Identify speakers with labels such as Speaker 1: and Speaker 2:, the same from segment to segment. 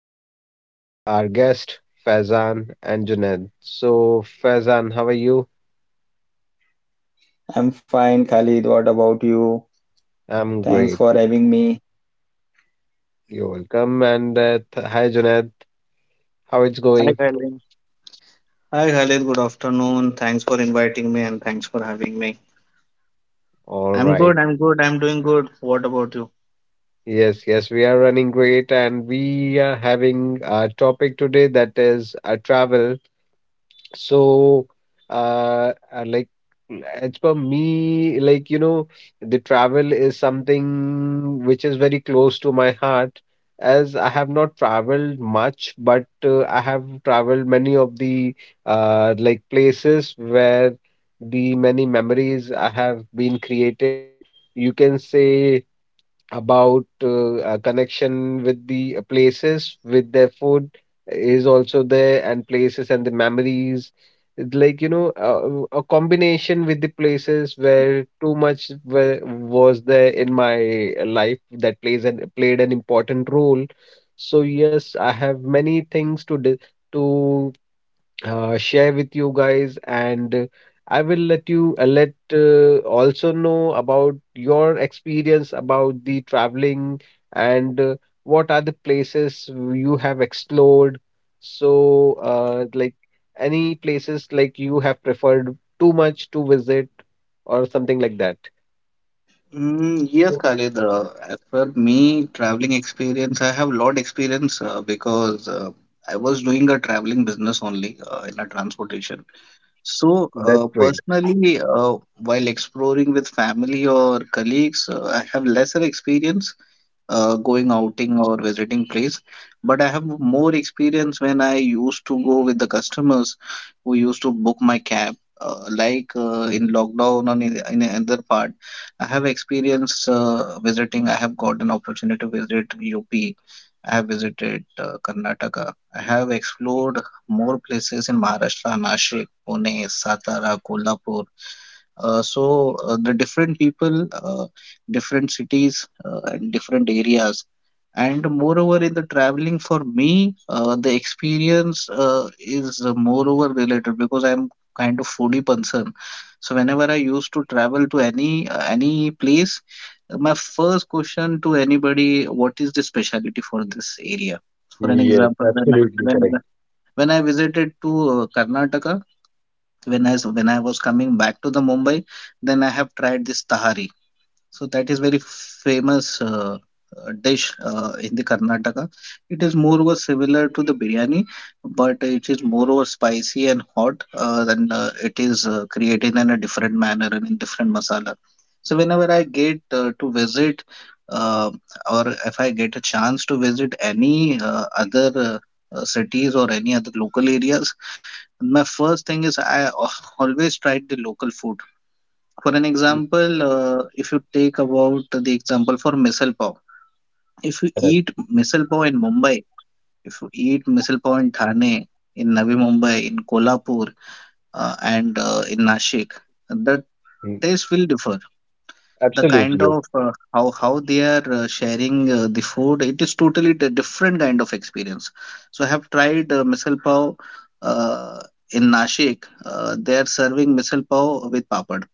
Speaker 1: We are having our guest Faizan and Junaid. So Faizan, how are you?
Speaker 2: I'm fine, Khalid. What about you?
Speaker 1: I'm
Speaker 2: Thanks
Speaker 1: great.
Speaker 2: for having me.
Speaker 1: You're welcome. And hi Junaid, how it's going?
Speaker 3: Hi, Khalid. Hi, Khalid. Good afternoon. Thanks for inviting me and thanks for having me.
Speaker 1: All
Speaker 3: I'm
Speaker 1: right.
Speaker 3: good. I'm good. I'm doing good. What about you?
Speaker 1: Yes, yes, we are running great, and we are having a topic today that is a travel. So, like, as per me, like, the travel is something which is very close to my heart, as I have not traveled much, but I have traveled many of the like places where the many memories I have been created. You can say about a connection with the places, with their food is also there, and places and the memories. It's like, a combination with the places where too much were, was there in my life that plays and played an important role. So yes, I have many things to to share with you guys, and I will let you let also know about your experience about the traveling and what are the places you have explored. So, like any places like you have preferred too much to visit or something like that.
Speaker 3: Yes, Khalid. As per me, traveling experience, I have lot experience because I was doing a traveling business only in a transportation. So
Speaker 1: That's great.
Speaker 3: personally, while exploring with family or colleagues, I have lesser experience going outing or visiting place, but I have more experience when I used to go with the customers who used to book my cab like in lockdown or in another part. I have experienced visiting. I have got an opportunity to visit up. I have visited Karnataka. I have explored more places in Maharashtra, Nashik, Pune, Satara, Kolhapur. So the different people, different cities, and different areas. And moreover, in the traveling for me, the experience is moreover related because I'm kind of foodie person. So whenever I used to travel to any place, my first question to anybody, what is the specialty for this area? For an
Speaker 1: Yes,
Speaker 3: example,
Speaker 1: absolutely correct.
Speaker 3: when I visited to Karnataka, when I was coming back to the Mumbai, then I have tried this tahari. So that is very famous dish in the Karnataka. It is moreover similar to the biryani, but it is moreover spicy and hot. And it is created in a different manner and in different masala. So whenever I get to visit, uh, or if I get a chance to visit any other cities or any other local areas, and my first thing is always tried the local food. For an
Speaker 1: Mm,
Speaker 3: example, if you take about the example for misal pav, if you eat
Speaker 1: correct.
Speaker 3: misal pav in Mumbai, if you eat misal pav in Thane, in Navi Mumbai, in Kolhapur, and in Nashik, the
Speaker 1: Mm,
Speaker 3: taste will differ. The kind
Speaker 1: absolutely, yes.
Speaker 3: of how they are sharing the food, it is totally different kind of experience. So I have tried misal pav uh, in Nashik. Uh, they are serving misal pav with papad.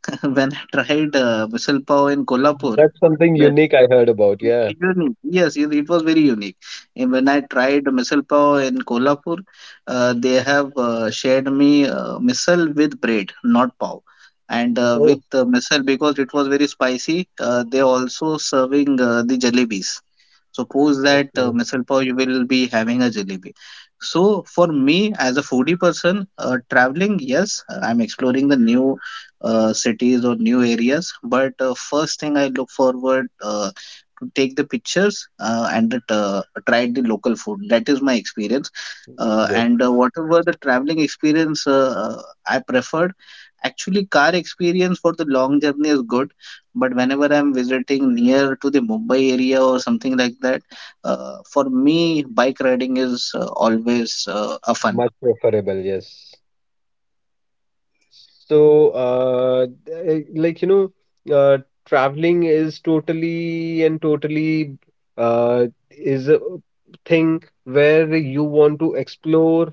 Speaker 3: When I tried misal pav in Kolhapur.
Speaker 1: That's something unique I heard about. Yeah.
Speaker 3: Unique. Yes, it was very unique. And when I tried misal pav in Kolhapur, they have shared me misal with bread, not pav. And With
Speaker 1: Oh,
Speaker 3: misal, because it was very spicy, they also serving the jalebis. Suppose that
Speaker 1: okay.
Speaker 3: misal pav, you will be having a jalebi. So for me as a foodie person, traveling, yes, I'm exploring the new cities or new areas. But first thing I look forward to take the pictures and that, try the local food. That is my experience. Uh,
Speaker 1: Yes,
Speaker 3: and uh, whatever the traveling experience I preferred, actually car experience for the long journey is good, but whenever I'm visiting near to the Mumbai area or something like that, for me, bike riding is always a fun.
Speaker 1: much preferable. Yes. So, like, you know, traveling is totally and totally is a thing where you want to explore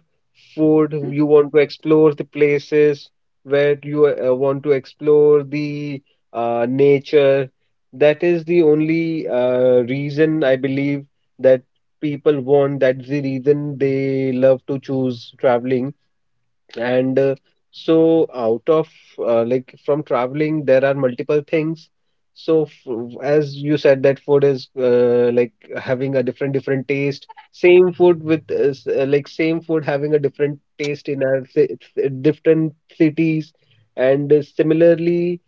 Speaker 1: food, you want to explore the places where you want to explore the nature. That is the only reason I believe that people want. That's the reason they love to choose traveling and so, out of like from traveling, there are multiple things. So, as you said, that food is like having a different different taste. Same food with like same food having a different taste in our different cities, and similarly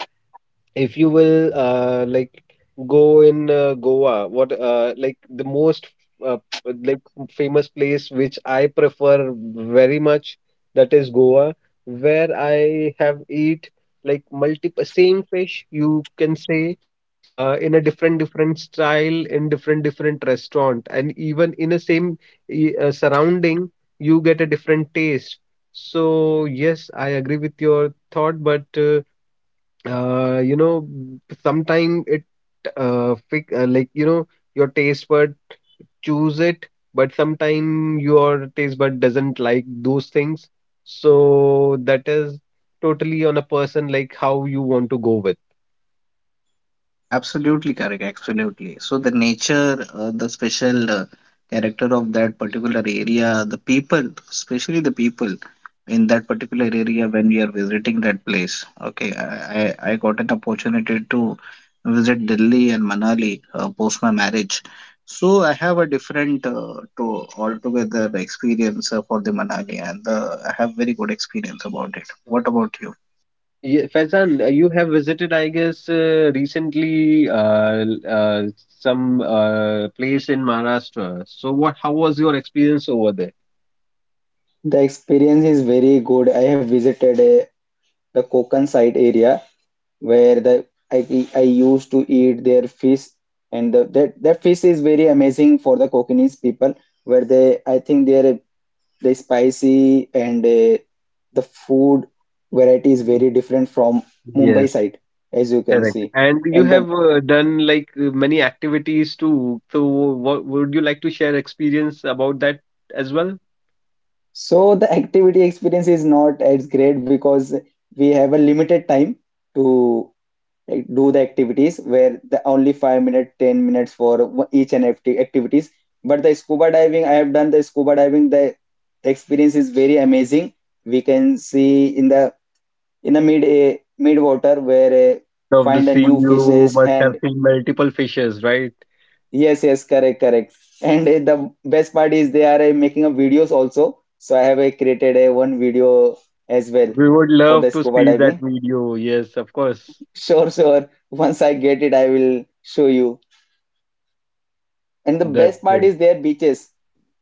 Speaker 1: if you will like go in Goa, what like the most uh, like famous place which I prefer very much, that is Goa, where I have eat like multiple same fish you can say in a different different style in different different restaurant and even in a same surrounding you get a different taste. So yes, I agree with your thought, but uh, you know, sometimes it like, your taste bud choose it, but sometime your taste bud doesn't like those things. So that is totally on a person like how you want to go with.
Speaker 3: Absolutely correct. Absolutely. So the nature, the special character of that particular area, the people, especially the people in that particular area when we are visiting that place. Okay, I got an opportunity to visit Delhi and Manali post my marriage. So I have a different to altogether experience for the Manali, and I have very good experience about it. What about you?
Speaker 1: Yeah, Faizan, you have visited, I guess, recently some place in Maharashtra. So what? How was your experience over there?
Speaker 2: The experience is very good. I have visited the Konkan side area where the I used to eat their fish, and the, that that fish is very amazing for the Kokanese people. Where they, I think they're they spicy and the food variety is very different from Mumbai
Speaker 1: Yes.
Speaker 2: side, as you can
Speaker 1: Correct.
Speaker 2: see.
Speaker 1: And you
Speaker 2: And the
Speaker 1: have done like many activities too. So, what would you like to share experience about that as well?
Speaker 2: so the activity experience is not as great because we have a limited time to, like, do the activities where the only 5 minutes, 10 minutes for each and every activities. But the scuba diving, I have done the scuba diving. The experience is very amazing. We can see in the in the mid water where
Speaker 1: Mid of the
Speaker 2: find a
Speaker 1: sea,
Speaker 2: new
Speaker 1: you
Speaker 2: fishes
Speaker 1: must have
Speaker 2: and
Speaker 1: seen multiple fishes, right?
Speaker 2: yes, yes, correct, correct. And the best part is they are making a videos also. So I have created a one video as well
Speaker 1: We would
Speaker 2: for the
Speaker 1: love to
Speaker 2: scuba
Speaker 1: see that
Speaker 2: diving.
Speaker 1: video. Yes, of course.
Speaker 2: Sure, sure. Once I get it, I will show you. And the
Speaker 1: That's
Speaker 2: best part
Speaker 1: great.
Speaker 2: is their beaches,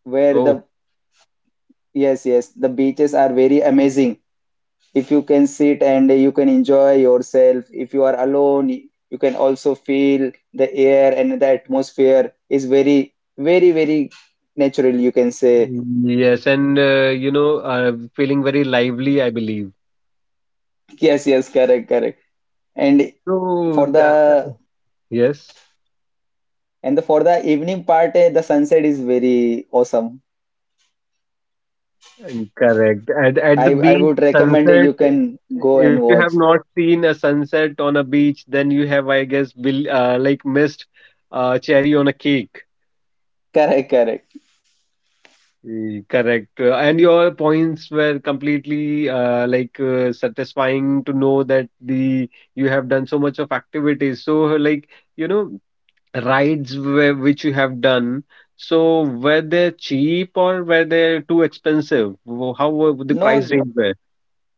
Speaker 2: where
Speaker 1: Oh,
Speaker 2: the yes, yes, the beaches are very amazing. If you can sit and you can enjoy yourself. If you are alone, you can also feel the air and the atmosphere is very, very, very natural, you can say.
Speaker 1: yes. And feeling very lively, I believe.
Speaker 2: Yes, yes, correct, correct. And
Speaker 1: So,
Speaker 2: for the
Speaker 1: yes.
Speaker 2: and the for the evening part, the sunset is very awesome.
Speaker 1: Mm, correct. At the
Speaker 2: I
Speaker 1: beach
Speaker 2: would recommend it.
Speaker 1: sunset,
Speaker 2: You can go
Speaker 1: if
Speaker 2: and
Speaker 1: you have
Speaker 2: watch.
Speaker 1: not seen a sunset on a beach, then you have, I guess, bill, like missed cherry on a cake.
Speaker 2: Correct, correct.
Speaker 1: Mm, correct. And your points were completely like satisfying to know that the you have done so much of activities. So, like, you know rides which you have done. So were they cheap or were they too expensive? How were the price
Speaker 2: No,
Speaker 1: range were?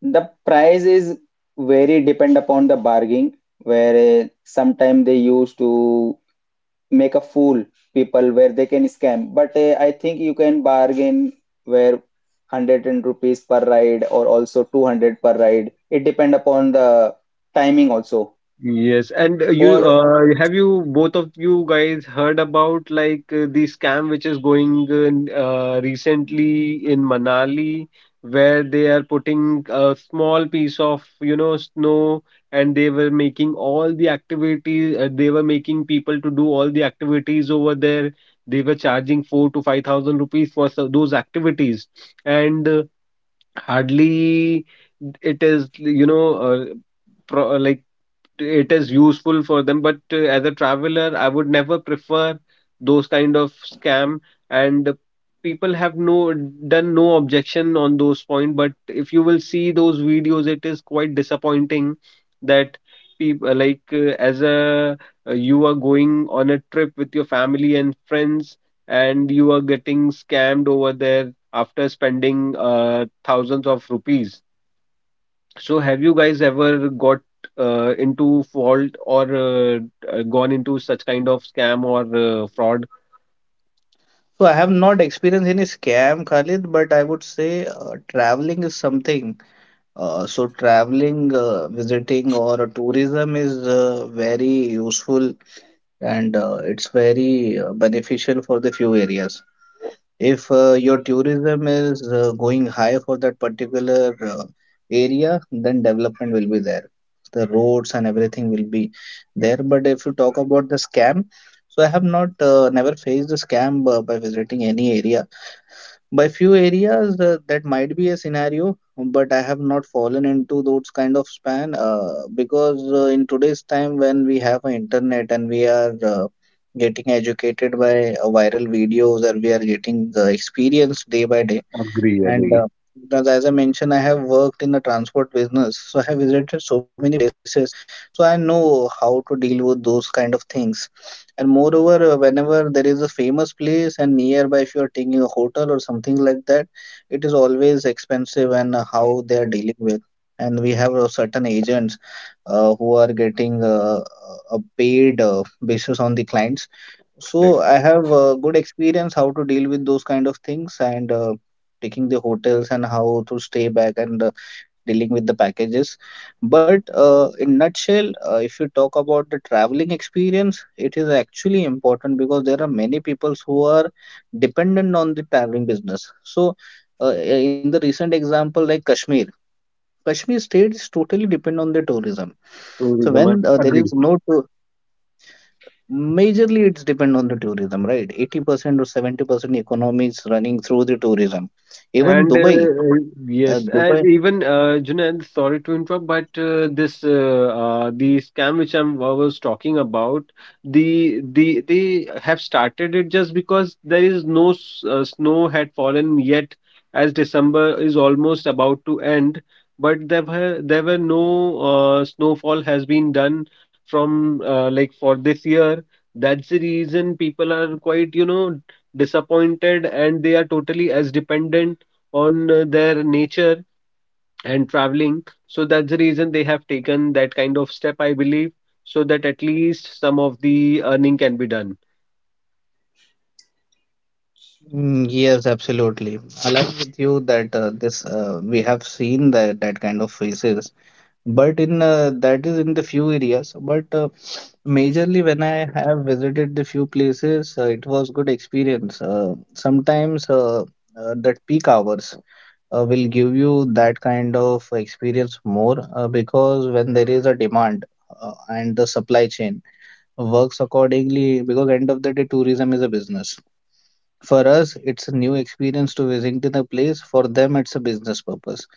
Speaker 2: the price is very depend upon the bargaining, where sometimes they used to make a fool people where they can scam. But I think you can bargain where hundred and rupees per ride or also 200 per ride. It depend upon the timing also.
Speaker 1: Yes, and you
Speaker 2: Or
Speaker 1: have you both of you guys heard about like the scam which is going in, recently in Manali, where they are putting a small piece of, snow, and they were making all the activities. They were making people to do all the activities over there. They were charging four to five thousand rupees for those activities, and hardly it is, like it is useful for them, but as a traveler I would never prefer those kind of scam, and people have no done no objection on those point. But if you will see those videos, it is quite disappointing that people, like, as a you are going on a trip with your family and friends, and you are getting scammed over there after spending thousands of rupees. So have you guys ever got into fault or gone into such kind of scam or fraud?
Speaker 3: So I have not experienced any scam, Khalid, but I would say traveling is something. So traveling, visiting, or tourism is very useful, and it's very beneficial for the few areas. If your tourism is going high for that particular area, then development will be there. The roads and everything will be there. But if you talk about the scam, so I have not never faced the scam by visiting any area. By few areas that might be a scenario, but I have not fallen into those kind of span because in today's time, when we have a internet and we are getting educated by viral videos, or we are getting experience day by day,
Speaker 1: Agree,
Speaker 3: and
Speaker 1: agree.
Speaker 3: because as I mentioned, I have worked in the transport business, so I have visited so many places, so I know how to deal with those kind of things. And moreover, whenever there is a famous place and nearby, if you are taking a hotel or something like that, it is always expensive and how they are dealing with. And we have certain agents who are getting a paid basis on the clients,
Speaker 1: Correct.
Speaker 3: so I have a good experience how to deal with those kind of things, and taking the hotels and how to stay back and dealing with the packages. But in nutshell, if you talk about the traveling experience, it is actually important because there are many people who are dependent on the traveling business. So in the recent example like Kashmir, Kashmir state is totally dependent on the tourism. So
Speaker 1: Tourism, I
Speaker 3: when there
Speaker 1: agree.
Speaker 3: is no. Majorly, it's depend on the tourism, right? 80% or 70% economy is running through the tourism. Even
Speaker 1: And
Speaker 3: Dubai, Dubai.
Speaker 1: yes, and even Junaid, sorry to interrupt, but this the scam which I was talking about, they have started it just because there is no snow had fallen yet, as December is almost about to end, but there were no snowfall has been done from like for this year. That's the reason people are quite, disappointed, and they are totally as dependent on their nature and traveling. So that's the reason they have taken that kind of step, I believe, so that at least some of the earning can be done.
Speaker 3: Yes, absolutely. Align with you that this we have seen that that kind of faces, but in that is in the few areas. But majorly, when I have visited the few places, it was good experience. Sometimes that peak hours will give you that kind of experience more because when there is a demand and the supply chain works accordingly, because end of the day tourism is a business. For us, it's a new experience to visiting a place. For them, it's a business purpose.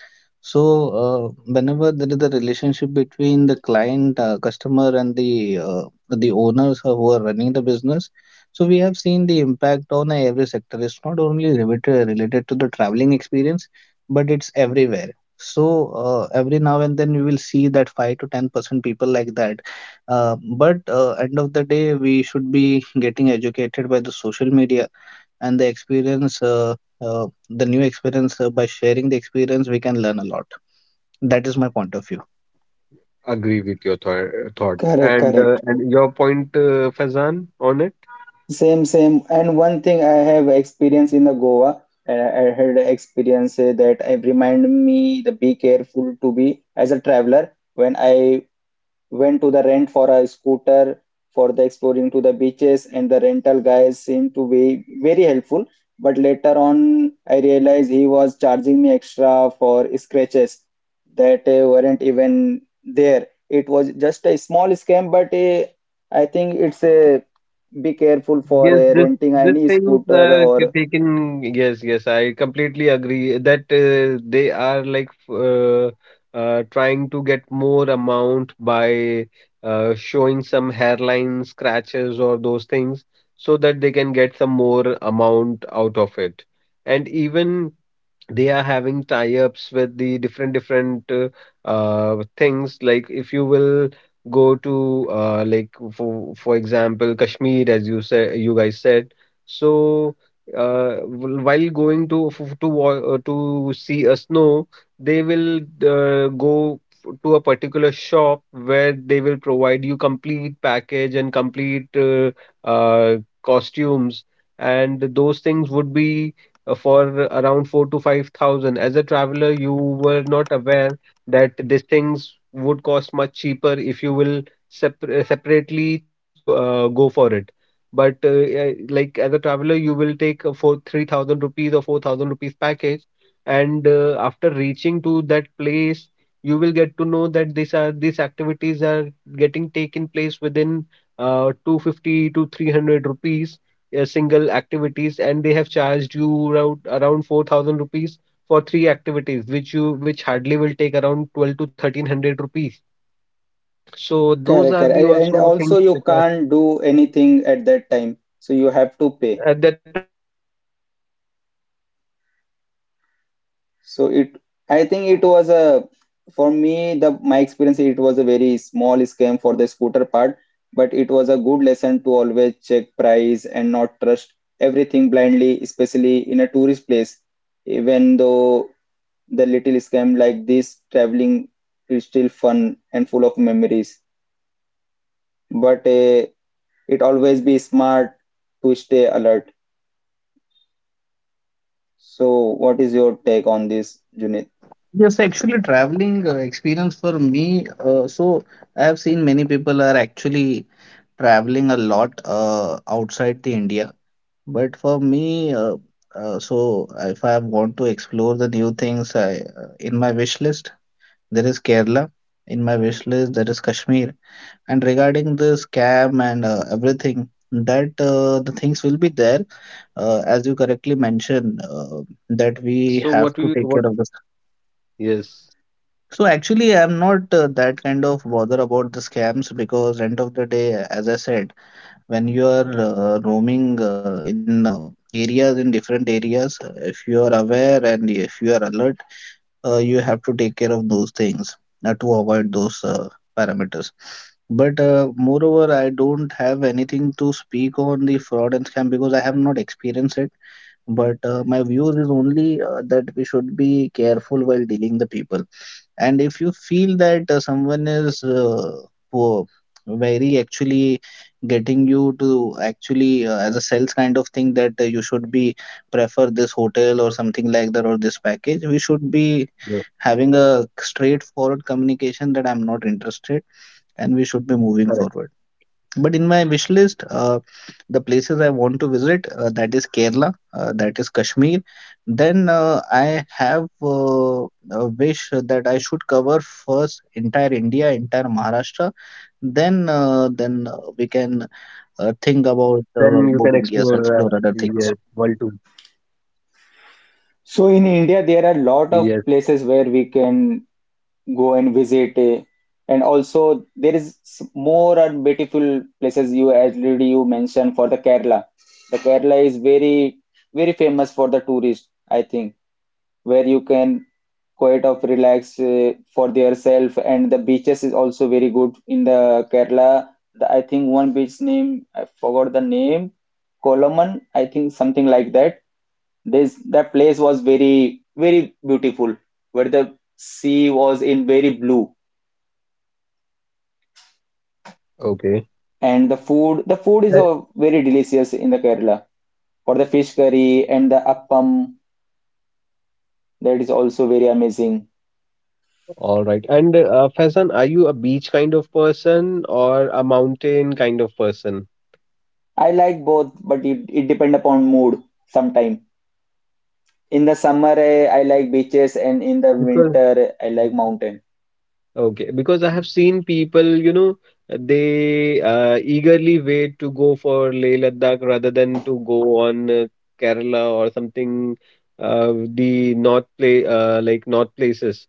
Speaker 3: So, whenever there is a relationship between the client, customer, and the the owners who are running the business, so we have seen the impact on every sector. It's not only related to the traveling experience, but it's everywhere. So, every now and then you will see that 5 to 10% people like that. Uh, but end of the day, we should be getting educated by the social media and the experience the new experience by sharing the experience. We can learn a lot. That is my point of view.
Speaker 1: Agree with your thought
Speaker 2: correct,
Speaker 1: and
Speaker 2: correct.
Speaker 1: your point, Faizan, on it.
Speaker 2: Same, same. And one thing I have experience in the Goa, and I had experience that I remind me the be careful to be as a traveler when I went to the rent for a scooter for the exploring to the beaches, and the rental guys seemed to be very helpful, but later on I realized he was charging me extra for scratches that weren't even there. It was just a small scam, but I think it's a be careful for
Speaker 1: Yes, this
Speaker 2: renting
Speaker 1: this
Speaker 2: any
Speaker 1: things
Speaker 2: scooter
Speaker 1: are
Speaker 2: or
Speaker 1: taken. Yes, yes, I completely agree that they are like trying to get more amount by showing some hairline scratches or those things so that they can get some more amount out of it. And even they are having tie-ups with the different different things, like if you will go to like, for example Kashmir, as you said, you guys said. So while going to to see a snow, they will go to a particular shop where they will provide you complete package and complete uh, costumes, and those things would be for around four to five thousand. As a traveler, you were not aware that these things would cost much cheaper if you will separately go for it. But like, as a traveler, you will take a 4, 3,000 rupees or 4,000 rupees package, and after reaching to that place, you will get to know that these activities are getting taken place within 250 to 300 rupees single activities, and they have charged you around 4,000 rupees for three activities which hardly will take around 12 to 1300 rupees. So those are
Speaker 2: correct,
Speaker 1: the
Speaker 2: correct. And
Speaker 1: also things
Speaker 2: also
Speaker 1: which
Speaker 2: you
Speaker 1: are
Speaker 2: can't do anything at that time, so you have to
Speaker 1: at that
Speaker 2: pay.
Speaker 1: time because you have already paid for it. Yes.
Speaker 2: So it, I think it was a, for me, the my experience, it was a very small scam for the scooter part, but it was a good lesson to always check price and not trust everything blindly, especially in a tourist place. Even though the little scam like this, traveling is still fun and full of memories, but it always be smart to stay alert. So what is your take on this, Junit?
Speaker 3: Yes, actually traveling experience for me, so I have seen many people are actually traveling a lot outside the India. But for me, uh, so if I want to explore the new things, I in my wish list there is Kerala, in my wish list there is Kashmir. And regarding the scam and everything, that the things will be there, as you correctly mentioned, that we have to take care of
Speaker 1: Yes.
Speaker 3: this.
Speaker 1: So what you what?
Speaker 3: So
Speaker 1: Yes.
Speaker 3: actually I'm not that kind of bother about the scams, because end of the day, as I said, when you are roaming in areas, in different areas, if you are aware and if you are alert, you have to take care of those things to avoid those parameters. But moreover, I don't have anything to speak on the fraud and scam because I have not experienced it, but my views is only that we should be careful while dealing the people. And if you feel that someone is poor, very actually getting you to actually as a sales kind of thing that you should be prefer this hotel or something like that, or this package, we should be having a
Speaker 1: Yes.
Speaker 3: straightforward communication that I'm not interested, and we should be moving forward. But
Speaker 1: Correct.
Speaker 3: in my wish list, the places I want to visit, that is Kerala, that is Kashmir. Then I have a wish that I should cover first entire India, entire Maharashtra. Then we can think about
Speaker 1: Then you can
Speaker 3: moving gears,
Speaker 1: explore.
Speaker 3: explore other things.
Speaker 1: Yes. World too.
Speaker 2: So in India, there are a lot of
Speaker 1: Yes.
Speaker 2: places where we can go and visit, and also there is s- more and beautiful places you already you mentioned for the Kerala. The Kerala is very very famous for the tourists. I think, where you can quite of relax for yourself, and the beaches is also very good in the Kerala. The, I think one beach name I forgot the
Speaker 1: Agree.
Speaker 2: name, Kolaman, I think something like that, this that place was very very beautiful, where the sea was in very blue,
Speaker 1: Okay.
Speaker 2: and the
Speaker 1: Uh,
Speaker 2: food the food is very delicious in the Kerala. For the fish curry and the appam, that is also very amazing.
Speaker 1: All right. And Faizan, are you a beach kind of person or a mountain kind of person?
Speaker 2: I like both, but it depend upon mood sometime. In the summer, I like beaches, and in the
Speaker 1: Because
Speaker 2: winter, I like mountain.
Speaker 1: Okay, because I have seen people, they eagerly wait to go for Leh Ladakh rather than to go on Kerala or something, the north play, like north places.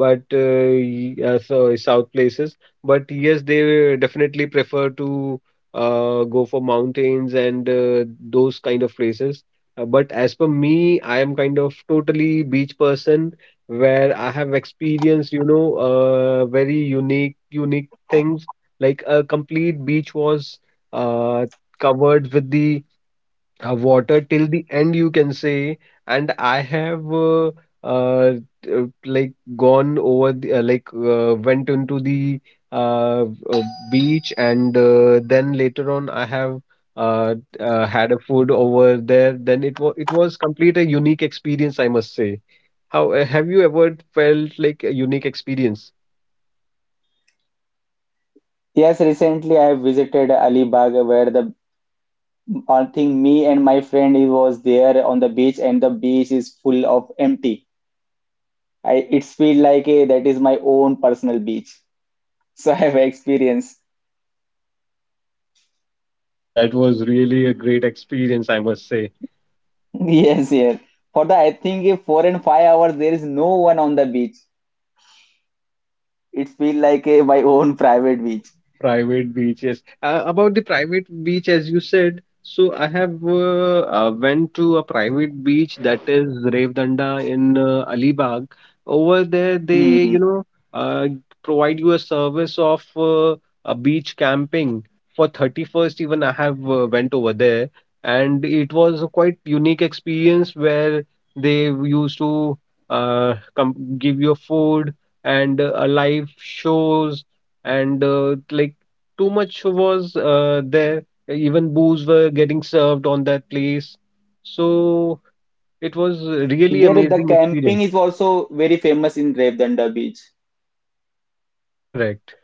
Speaker 1: But so, south places. But yes, they definitely prefer to go for mountains and those kind of places. But as per me, I am kind of totally beach person, where I have experienced, very unique, unique things. Like a complete beach was uh, covered with the water till the end you can say, and I have uh, like gone over the, like went into the uh, uh, beach, and then later on I have had a food over there, then it was complete a unique experience, I must say. How have you ever felt like a unique experience?
Speaker 2: Yes, recently I visited Alibag where the I think me and my friend he was there on the beach, and the beach is full of empty. I it's feel like a that is my own personal beach. So I have experience.
Speaker 1: That was really a great experience, I must say.
Speaker 2: Yes, yes. For the I think a 4 and 5 hours there is no one on the beach. It feel like a, my own private beach.
Speaker 1: Private beaches. About the private beach, as you said, so I have went to a private beach, that is Revdanda in Alibag. Over there, they
Speaker 2: Hmm.
Speaker 1: uh, provide you a service of a beach camping for 31st. Even I have went over there, and it was a quite unique experience where they used to come give you food, and a live shows, and like too much was there. Even booze were getting served on that place, so it was really
Speaker 2: There the
Speaker 1: amazing experience.
Speaker 2: camping is also very famous in Revdanda beach.
Speaker 1: Correct.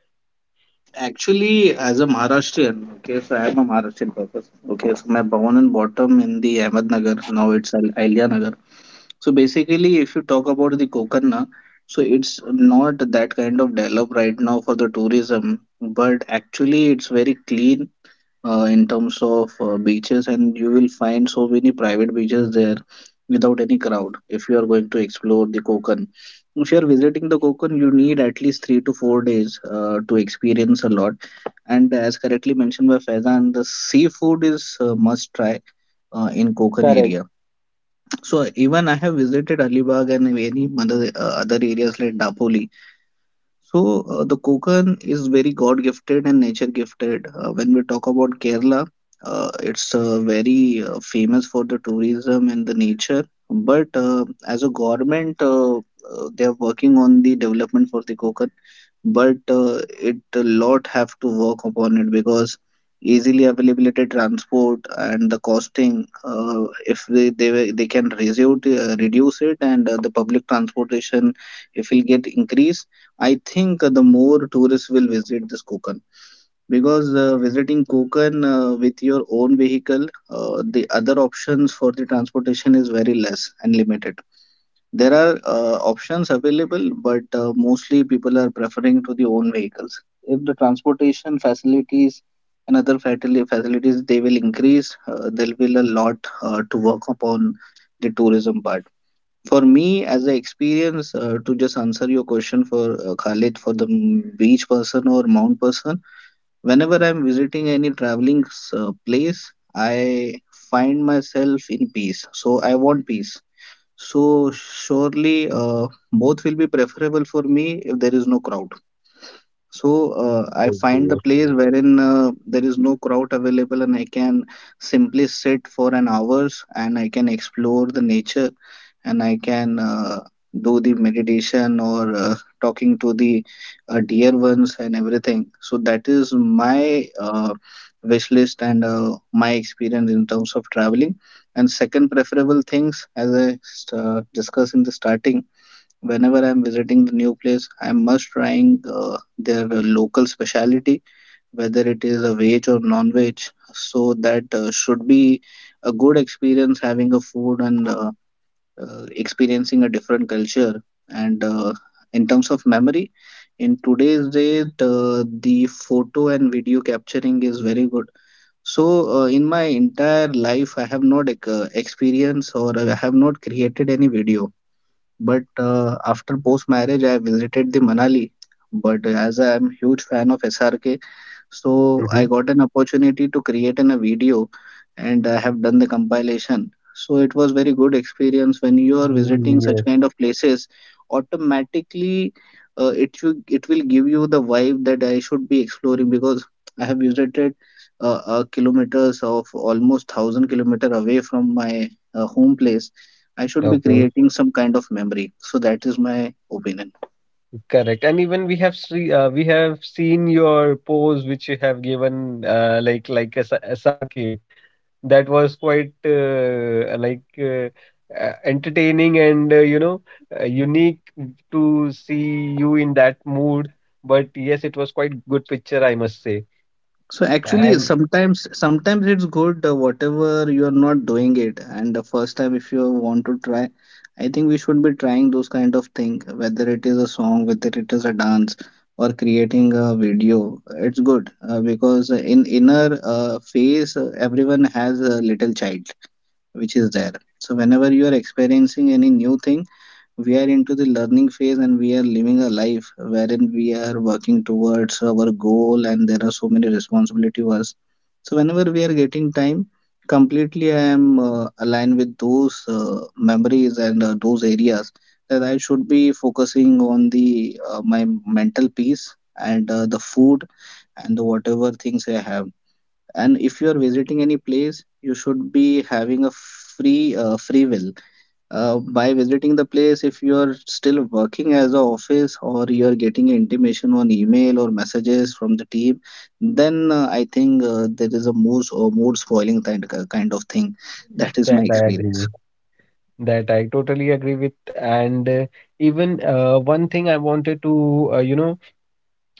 Speaker 3: Actually, as a Maharashtrian, okay, so I am a Maharashtrian purpose. Okay, so my born and bottom in the Ahmednagar. Now it's Ahilya Nagar. So basically, if you talk about the Kokanna, so it's not that kind of developed right now for the tourism, but actually it's very clean in terms of beaches, and you will find so many private beaches there without any crowd if you are going to explore the Kokan. If you are visiting the Kokan, you need at least 3 to 4 days to experience a lot. And as correctly mentioned by Faizan, the seafood is must try in Kokan
Speaker 2: Correct.
Speaker 3: area. So even I have visited Alibag and many other areas like Dapoli. So the Konkan is very God gifted and nature gifted. When we talk about Kerala, it's very famous for the tourism and the nature. But as a government, they are working on the development for the Konkan. But it a lot have to work upon it because easily availability, transport, and the costing. If they they can reduce it, and the public transportation, if will get increase. I think the more tourists will visit this Konkan because visiting Konkan with your own vehicle, the other options for the transportation is very less and limited. There are options available, but mostly people are preferring to the own vehicles. If the transportation facilities and facilities they will increase, there will a lot to work upon the tourism part. For me, as an experience, to just answer your question for Khalid, for the beach person or mount person, whenever I'm visiting any traveling place, I find myself in peace. So I want peace. So surely, both will be preferable for me if there is no crowd. So I
Speaker 1: Okay.
Speaker 3: find the place wherein there is no crowd available and I can simply sit for an hours and I can explore the nature and I can do the meditation or talking to the dear ones and everything. So that is my wish list and my experience in terms of traveling. And second preferable things, as I discussed in the starting, whenever I'm visiting the new place, I'm must trying their local speciality, whether it is a veg or non-veg. So that should be a good experience having a food and experiencing a different culture. And in terms of memory, in today's date, the photo and video capturing is very good. So, in my entire life, I have not experienced or I have not created any video. But after post marriage, I visited the Manali. But as I am huge fan of SRK, so I
Speaker 1: Hmm.
Speaker 3: got an opportunity to create in a video and I have done the compilation. So it was very good experience when you are visiting such
Speaker 1: Yes.
Speaker 3: kind of places automatically it will give you the vibe that I should be exploring because I have visited kilometers of almost 1,000 kilometer away from my home place. I should be
Speaker 1: Okay.
Speaker 3: creating some kind of memory. So that is my opinion.
Speaker 1: Correct. And even we have see, we have seen your pose which you have given like a, SRK. That was quite like entertaining, and unique to see you in that mood. But yes, it was quite good picture, I must say.
Speaker 3: So actually,
Speaker 1: And
Speaker 3: sometimes it's good whatever you are not doing it, and the first time if you want to try, I think we should be trying those kind of thing, whether it is a song, whether it is a dance, or creating a video. It's good because in inner phase, everyone has a little child which is there. So whenever you are experiencing any new thing, we are into the learning phase and we are living a life wherein we are working towards our goal and there are so many responsibilities to us. So whenever we are getting time, completely I am aligned with those memories and those areas that I should be focusing on the my mental peace and the food and the whatever things I have. And if you are visiting any place, you should be having a free will by visiting the place. If you are still working as a office or you are getting intimation on email or messages from the team, then I think there is a mood or mood spoiling kind of thing. That is my
Speaker 1: that I
Speaker 3: experience.
Speaker 1: agree. That I totally agree with. And even one thing I wanted to uh, you know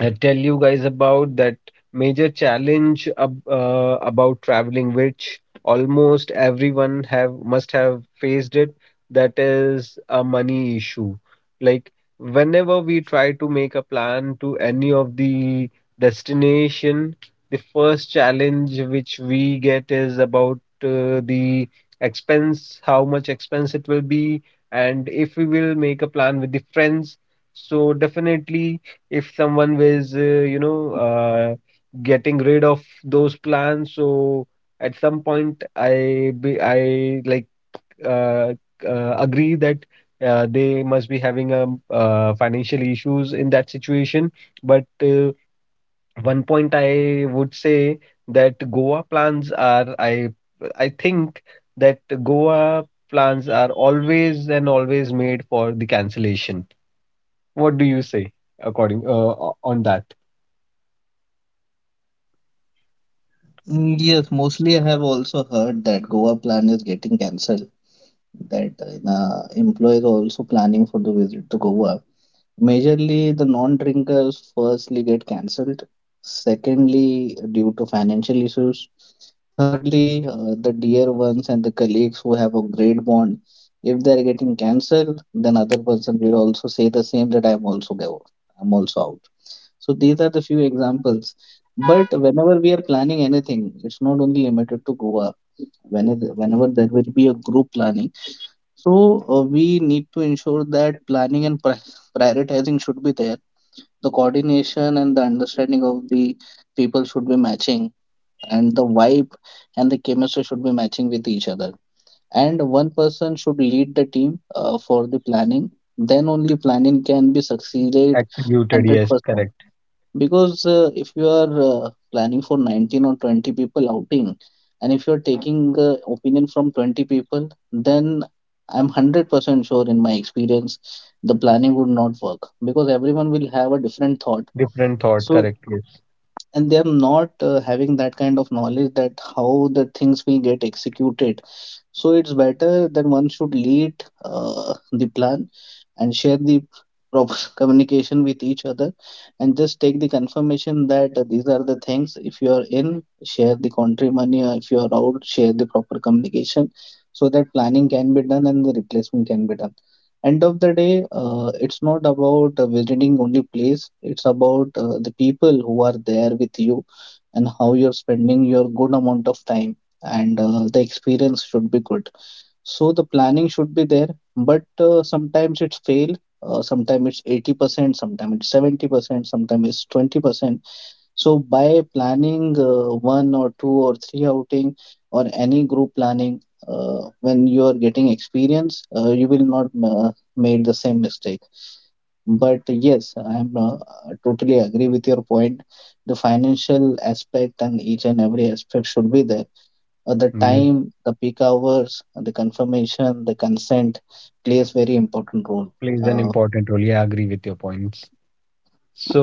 Speaker 1: uh, tell you guys about, that major challenge about traveling which almost everyone have must have faced it, that is a money issue. Like, whenever we try to make a plan to any of the destination, the first challenge which we get is about the expense, how much expense it will be. And if we will make a plan with the friends, so definitely, if someone was, you know, uh, getting rid of those plans, so at some point I, like, uh, agree that they must be having a, financial issues in that situation. But one point I would say that Goa plans are I think that Goa plans are always and always made for the cancellation. What do you say according on that?
Speaker 3: Mm, yes, mostly I have also heard that Goa plan is getting cancelled. That employees are also planning for the visit to Goa. Majorly, the non-drinkers firstly get cancelled. Secondly, due to financial issues. Thirdly, the dear ones and the colleagues who have a great bond, if they are getting cancelled, then other person will also say the same that I am also go, I'm also out. So these are the few examples. But whenever we are planning anything, it's not only limited to Goa. Whenever there will be a group planning, so we need to ensure that planning and prioritizing should be there, the coordination and the understanding of the people should be matching and the vibe and the chemistry should be matching with each other, and one person should lead the team for the planning. Then only planning can be succeeded
Speaker 1: Executed, yes,
Speaker 3: 100%,
Speaker 1: correct.
Speaker 3: because if you are planning for 19 or 20 people outing and if you're taking opinion from 20 people, then I'm 100% sure in my experience the planning would not work because everyone will have a different thought.
Speaker 1: Different thought,
Speaker 3: So,
Speaker 1: correct, yes.
Speaker 3: and they're not having that kind of knowledge that how the things will get executed. So it's better that one should lead the plan and share the proper communication with each other and just take the confirmation that these are the things. If you are in, share the country money, or if you are out, share the proper communication so that planning can be done and the replacement can be done. End of the day, it's not about visiting only place, it's about the people who are there with you and how you're spending your good amount of time and the experience should be good. So the planning should be there, but sometimes it's fail. Sometimes it's 80%, sometimes it's 70%, sometimes it's 20%. So by planning one or two or three outing or any group planning, when you are getting experience, you will not make the same mistake. But yes, I am totally agree with your point. The financial aspect and each and every aspect should be there, the
Speaker 1: Yes,
Speaker 3: time, the peak hours, the confirmation, the consent plays very important role.
Speaker 1: plays an
Speaker 3: Uh,
Speaker 1: important role. Yeah, I agree with your points.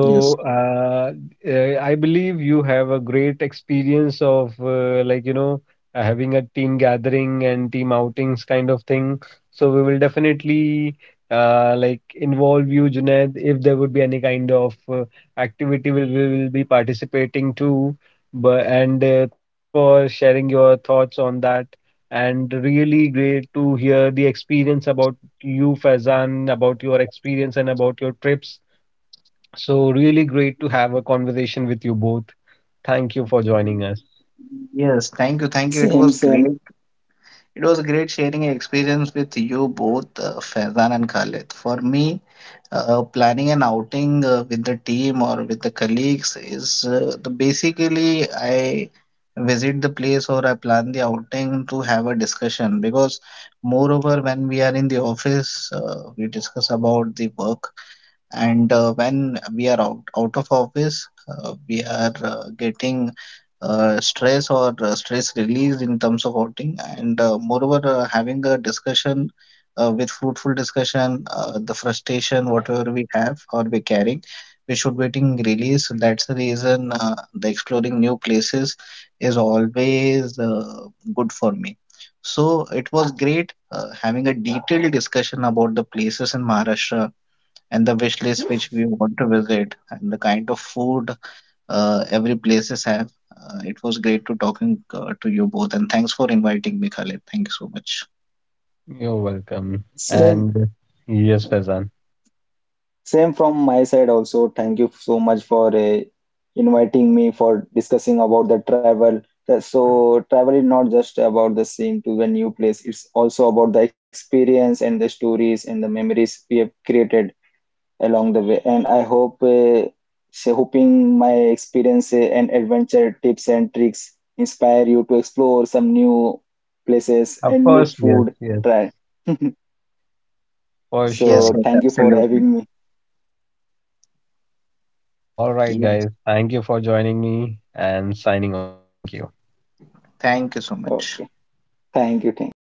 Speaker 3: yes.
Speaker 1: I believe you have a great experience of like, having a team gathering and team outings kind of thing. So we will definitely like involve you, Junaid, if there would be any kind of activity we will be participating to. But and thanks for sharing your thoughts on that. And really great to hear the experience about you, Faizan, about your experience and about your trips, so really great to have a conversation with you both. Thank you for joining us.
Speaker 3: Yes, thank you, thank you. It
Speaker 2: Same,
Speaker 3: was
Speaker 2: same.
Speaker 3: great. It was great sharing an experience with you both, Faizan and Khalid. For me, planning an outing with the team or with the colleagues is the basically I visit the place or I plan the outing to have a discussion, because moreover when we are in the office we discuss about the work, and when we are out, out of office, we are getting stress or stress released in terms of outing, and moreover having a discussion with fruitful discussion, the frustration whatever we have or we carrying we should getting release. That's the reason the exploring new places is always good for me. So it was great having a detailed discussion about the places in Maharashtra and the wish list which we want to visit and the kind of food every places have. It was great to talking to you both and thanks for inviting me, Khalid. Thank you so much.
Speaker 1: You're welcome.
Speaker 2: Same.
Speaker 1: And yes, Faizan.
Speaker 2: Same from my side also. Thank you so much for inviting me for discussing about the travel. That- so travel is not just about the seeing to the new place. It's also about the experience and the stories and the memories we have created along the way. And I hope, so hoping my experience and adventure tips and tricks inspire you to explore some new places
Speaker 1: Of
Speaker 2: and new
Speaker 1: course, yes,
Speaker 2: food
Speaker 1: yes,
Speaker 2: try.
Speaker 1: for
Speaker 3: Yes,
Speaker 2: So
Speaker 1: sure.
Speaker 3: yes,
Speaker 2: thank you for
Speaker 3: absolutely.
Speaker 2: having me.
Speaker 1: All right,
Speaker 3: Yes,
Speaker 1: guys. Thank you for joining me and signing off. Thank you.
Speaker 3: thank you so much.
Speaker 2: Okay. Thank you. Thank you.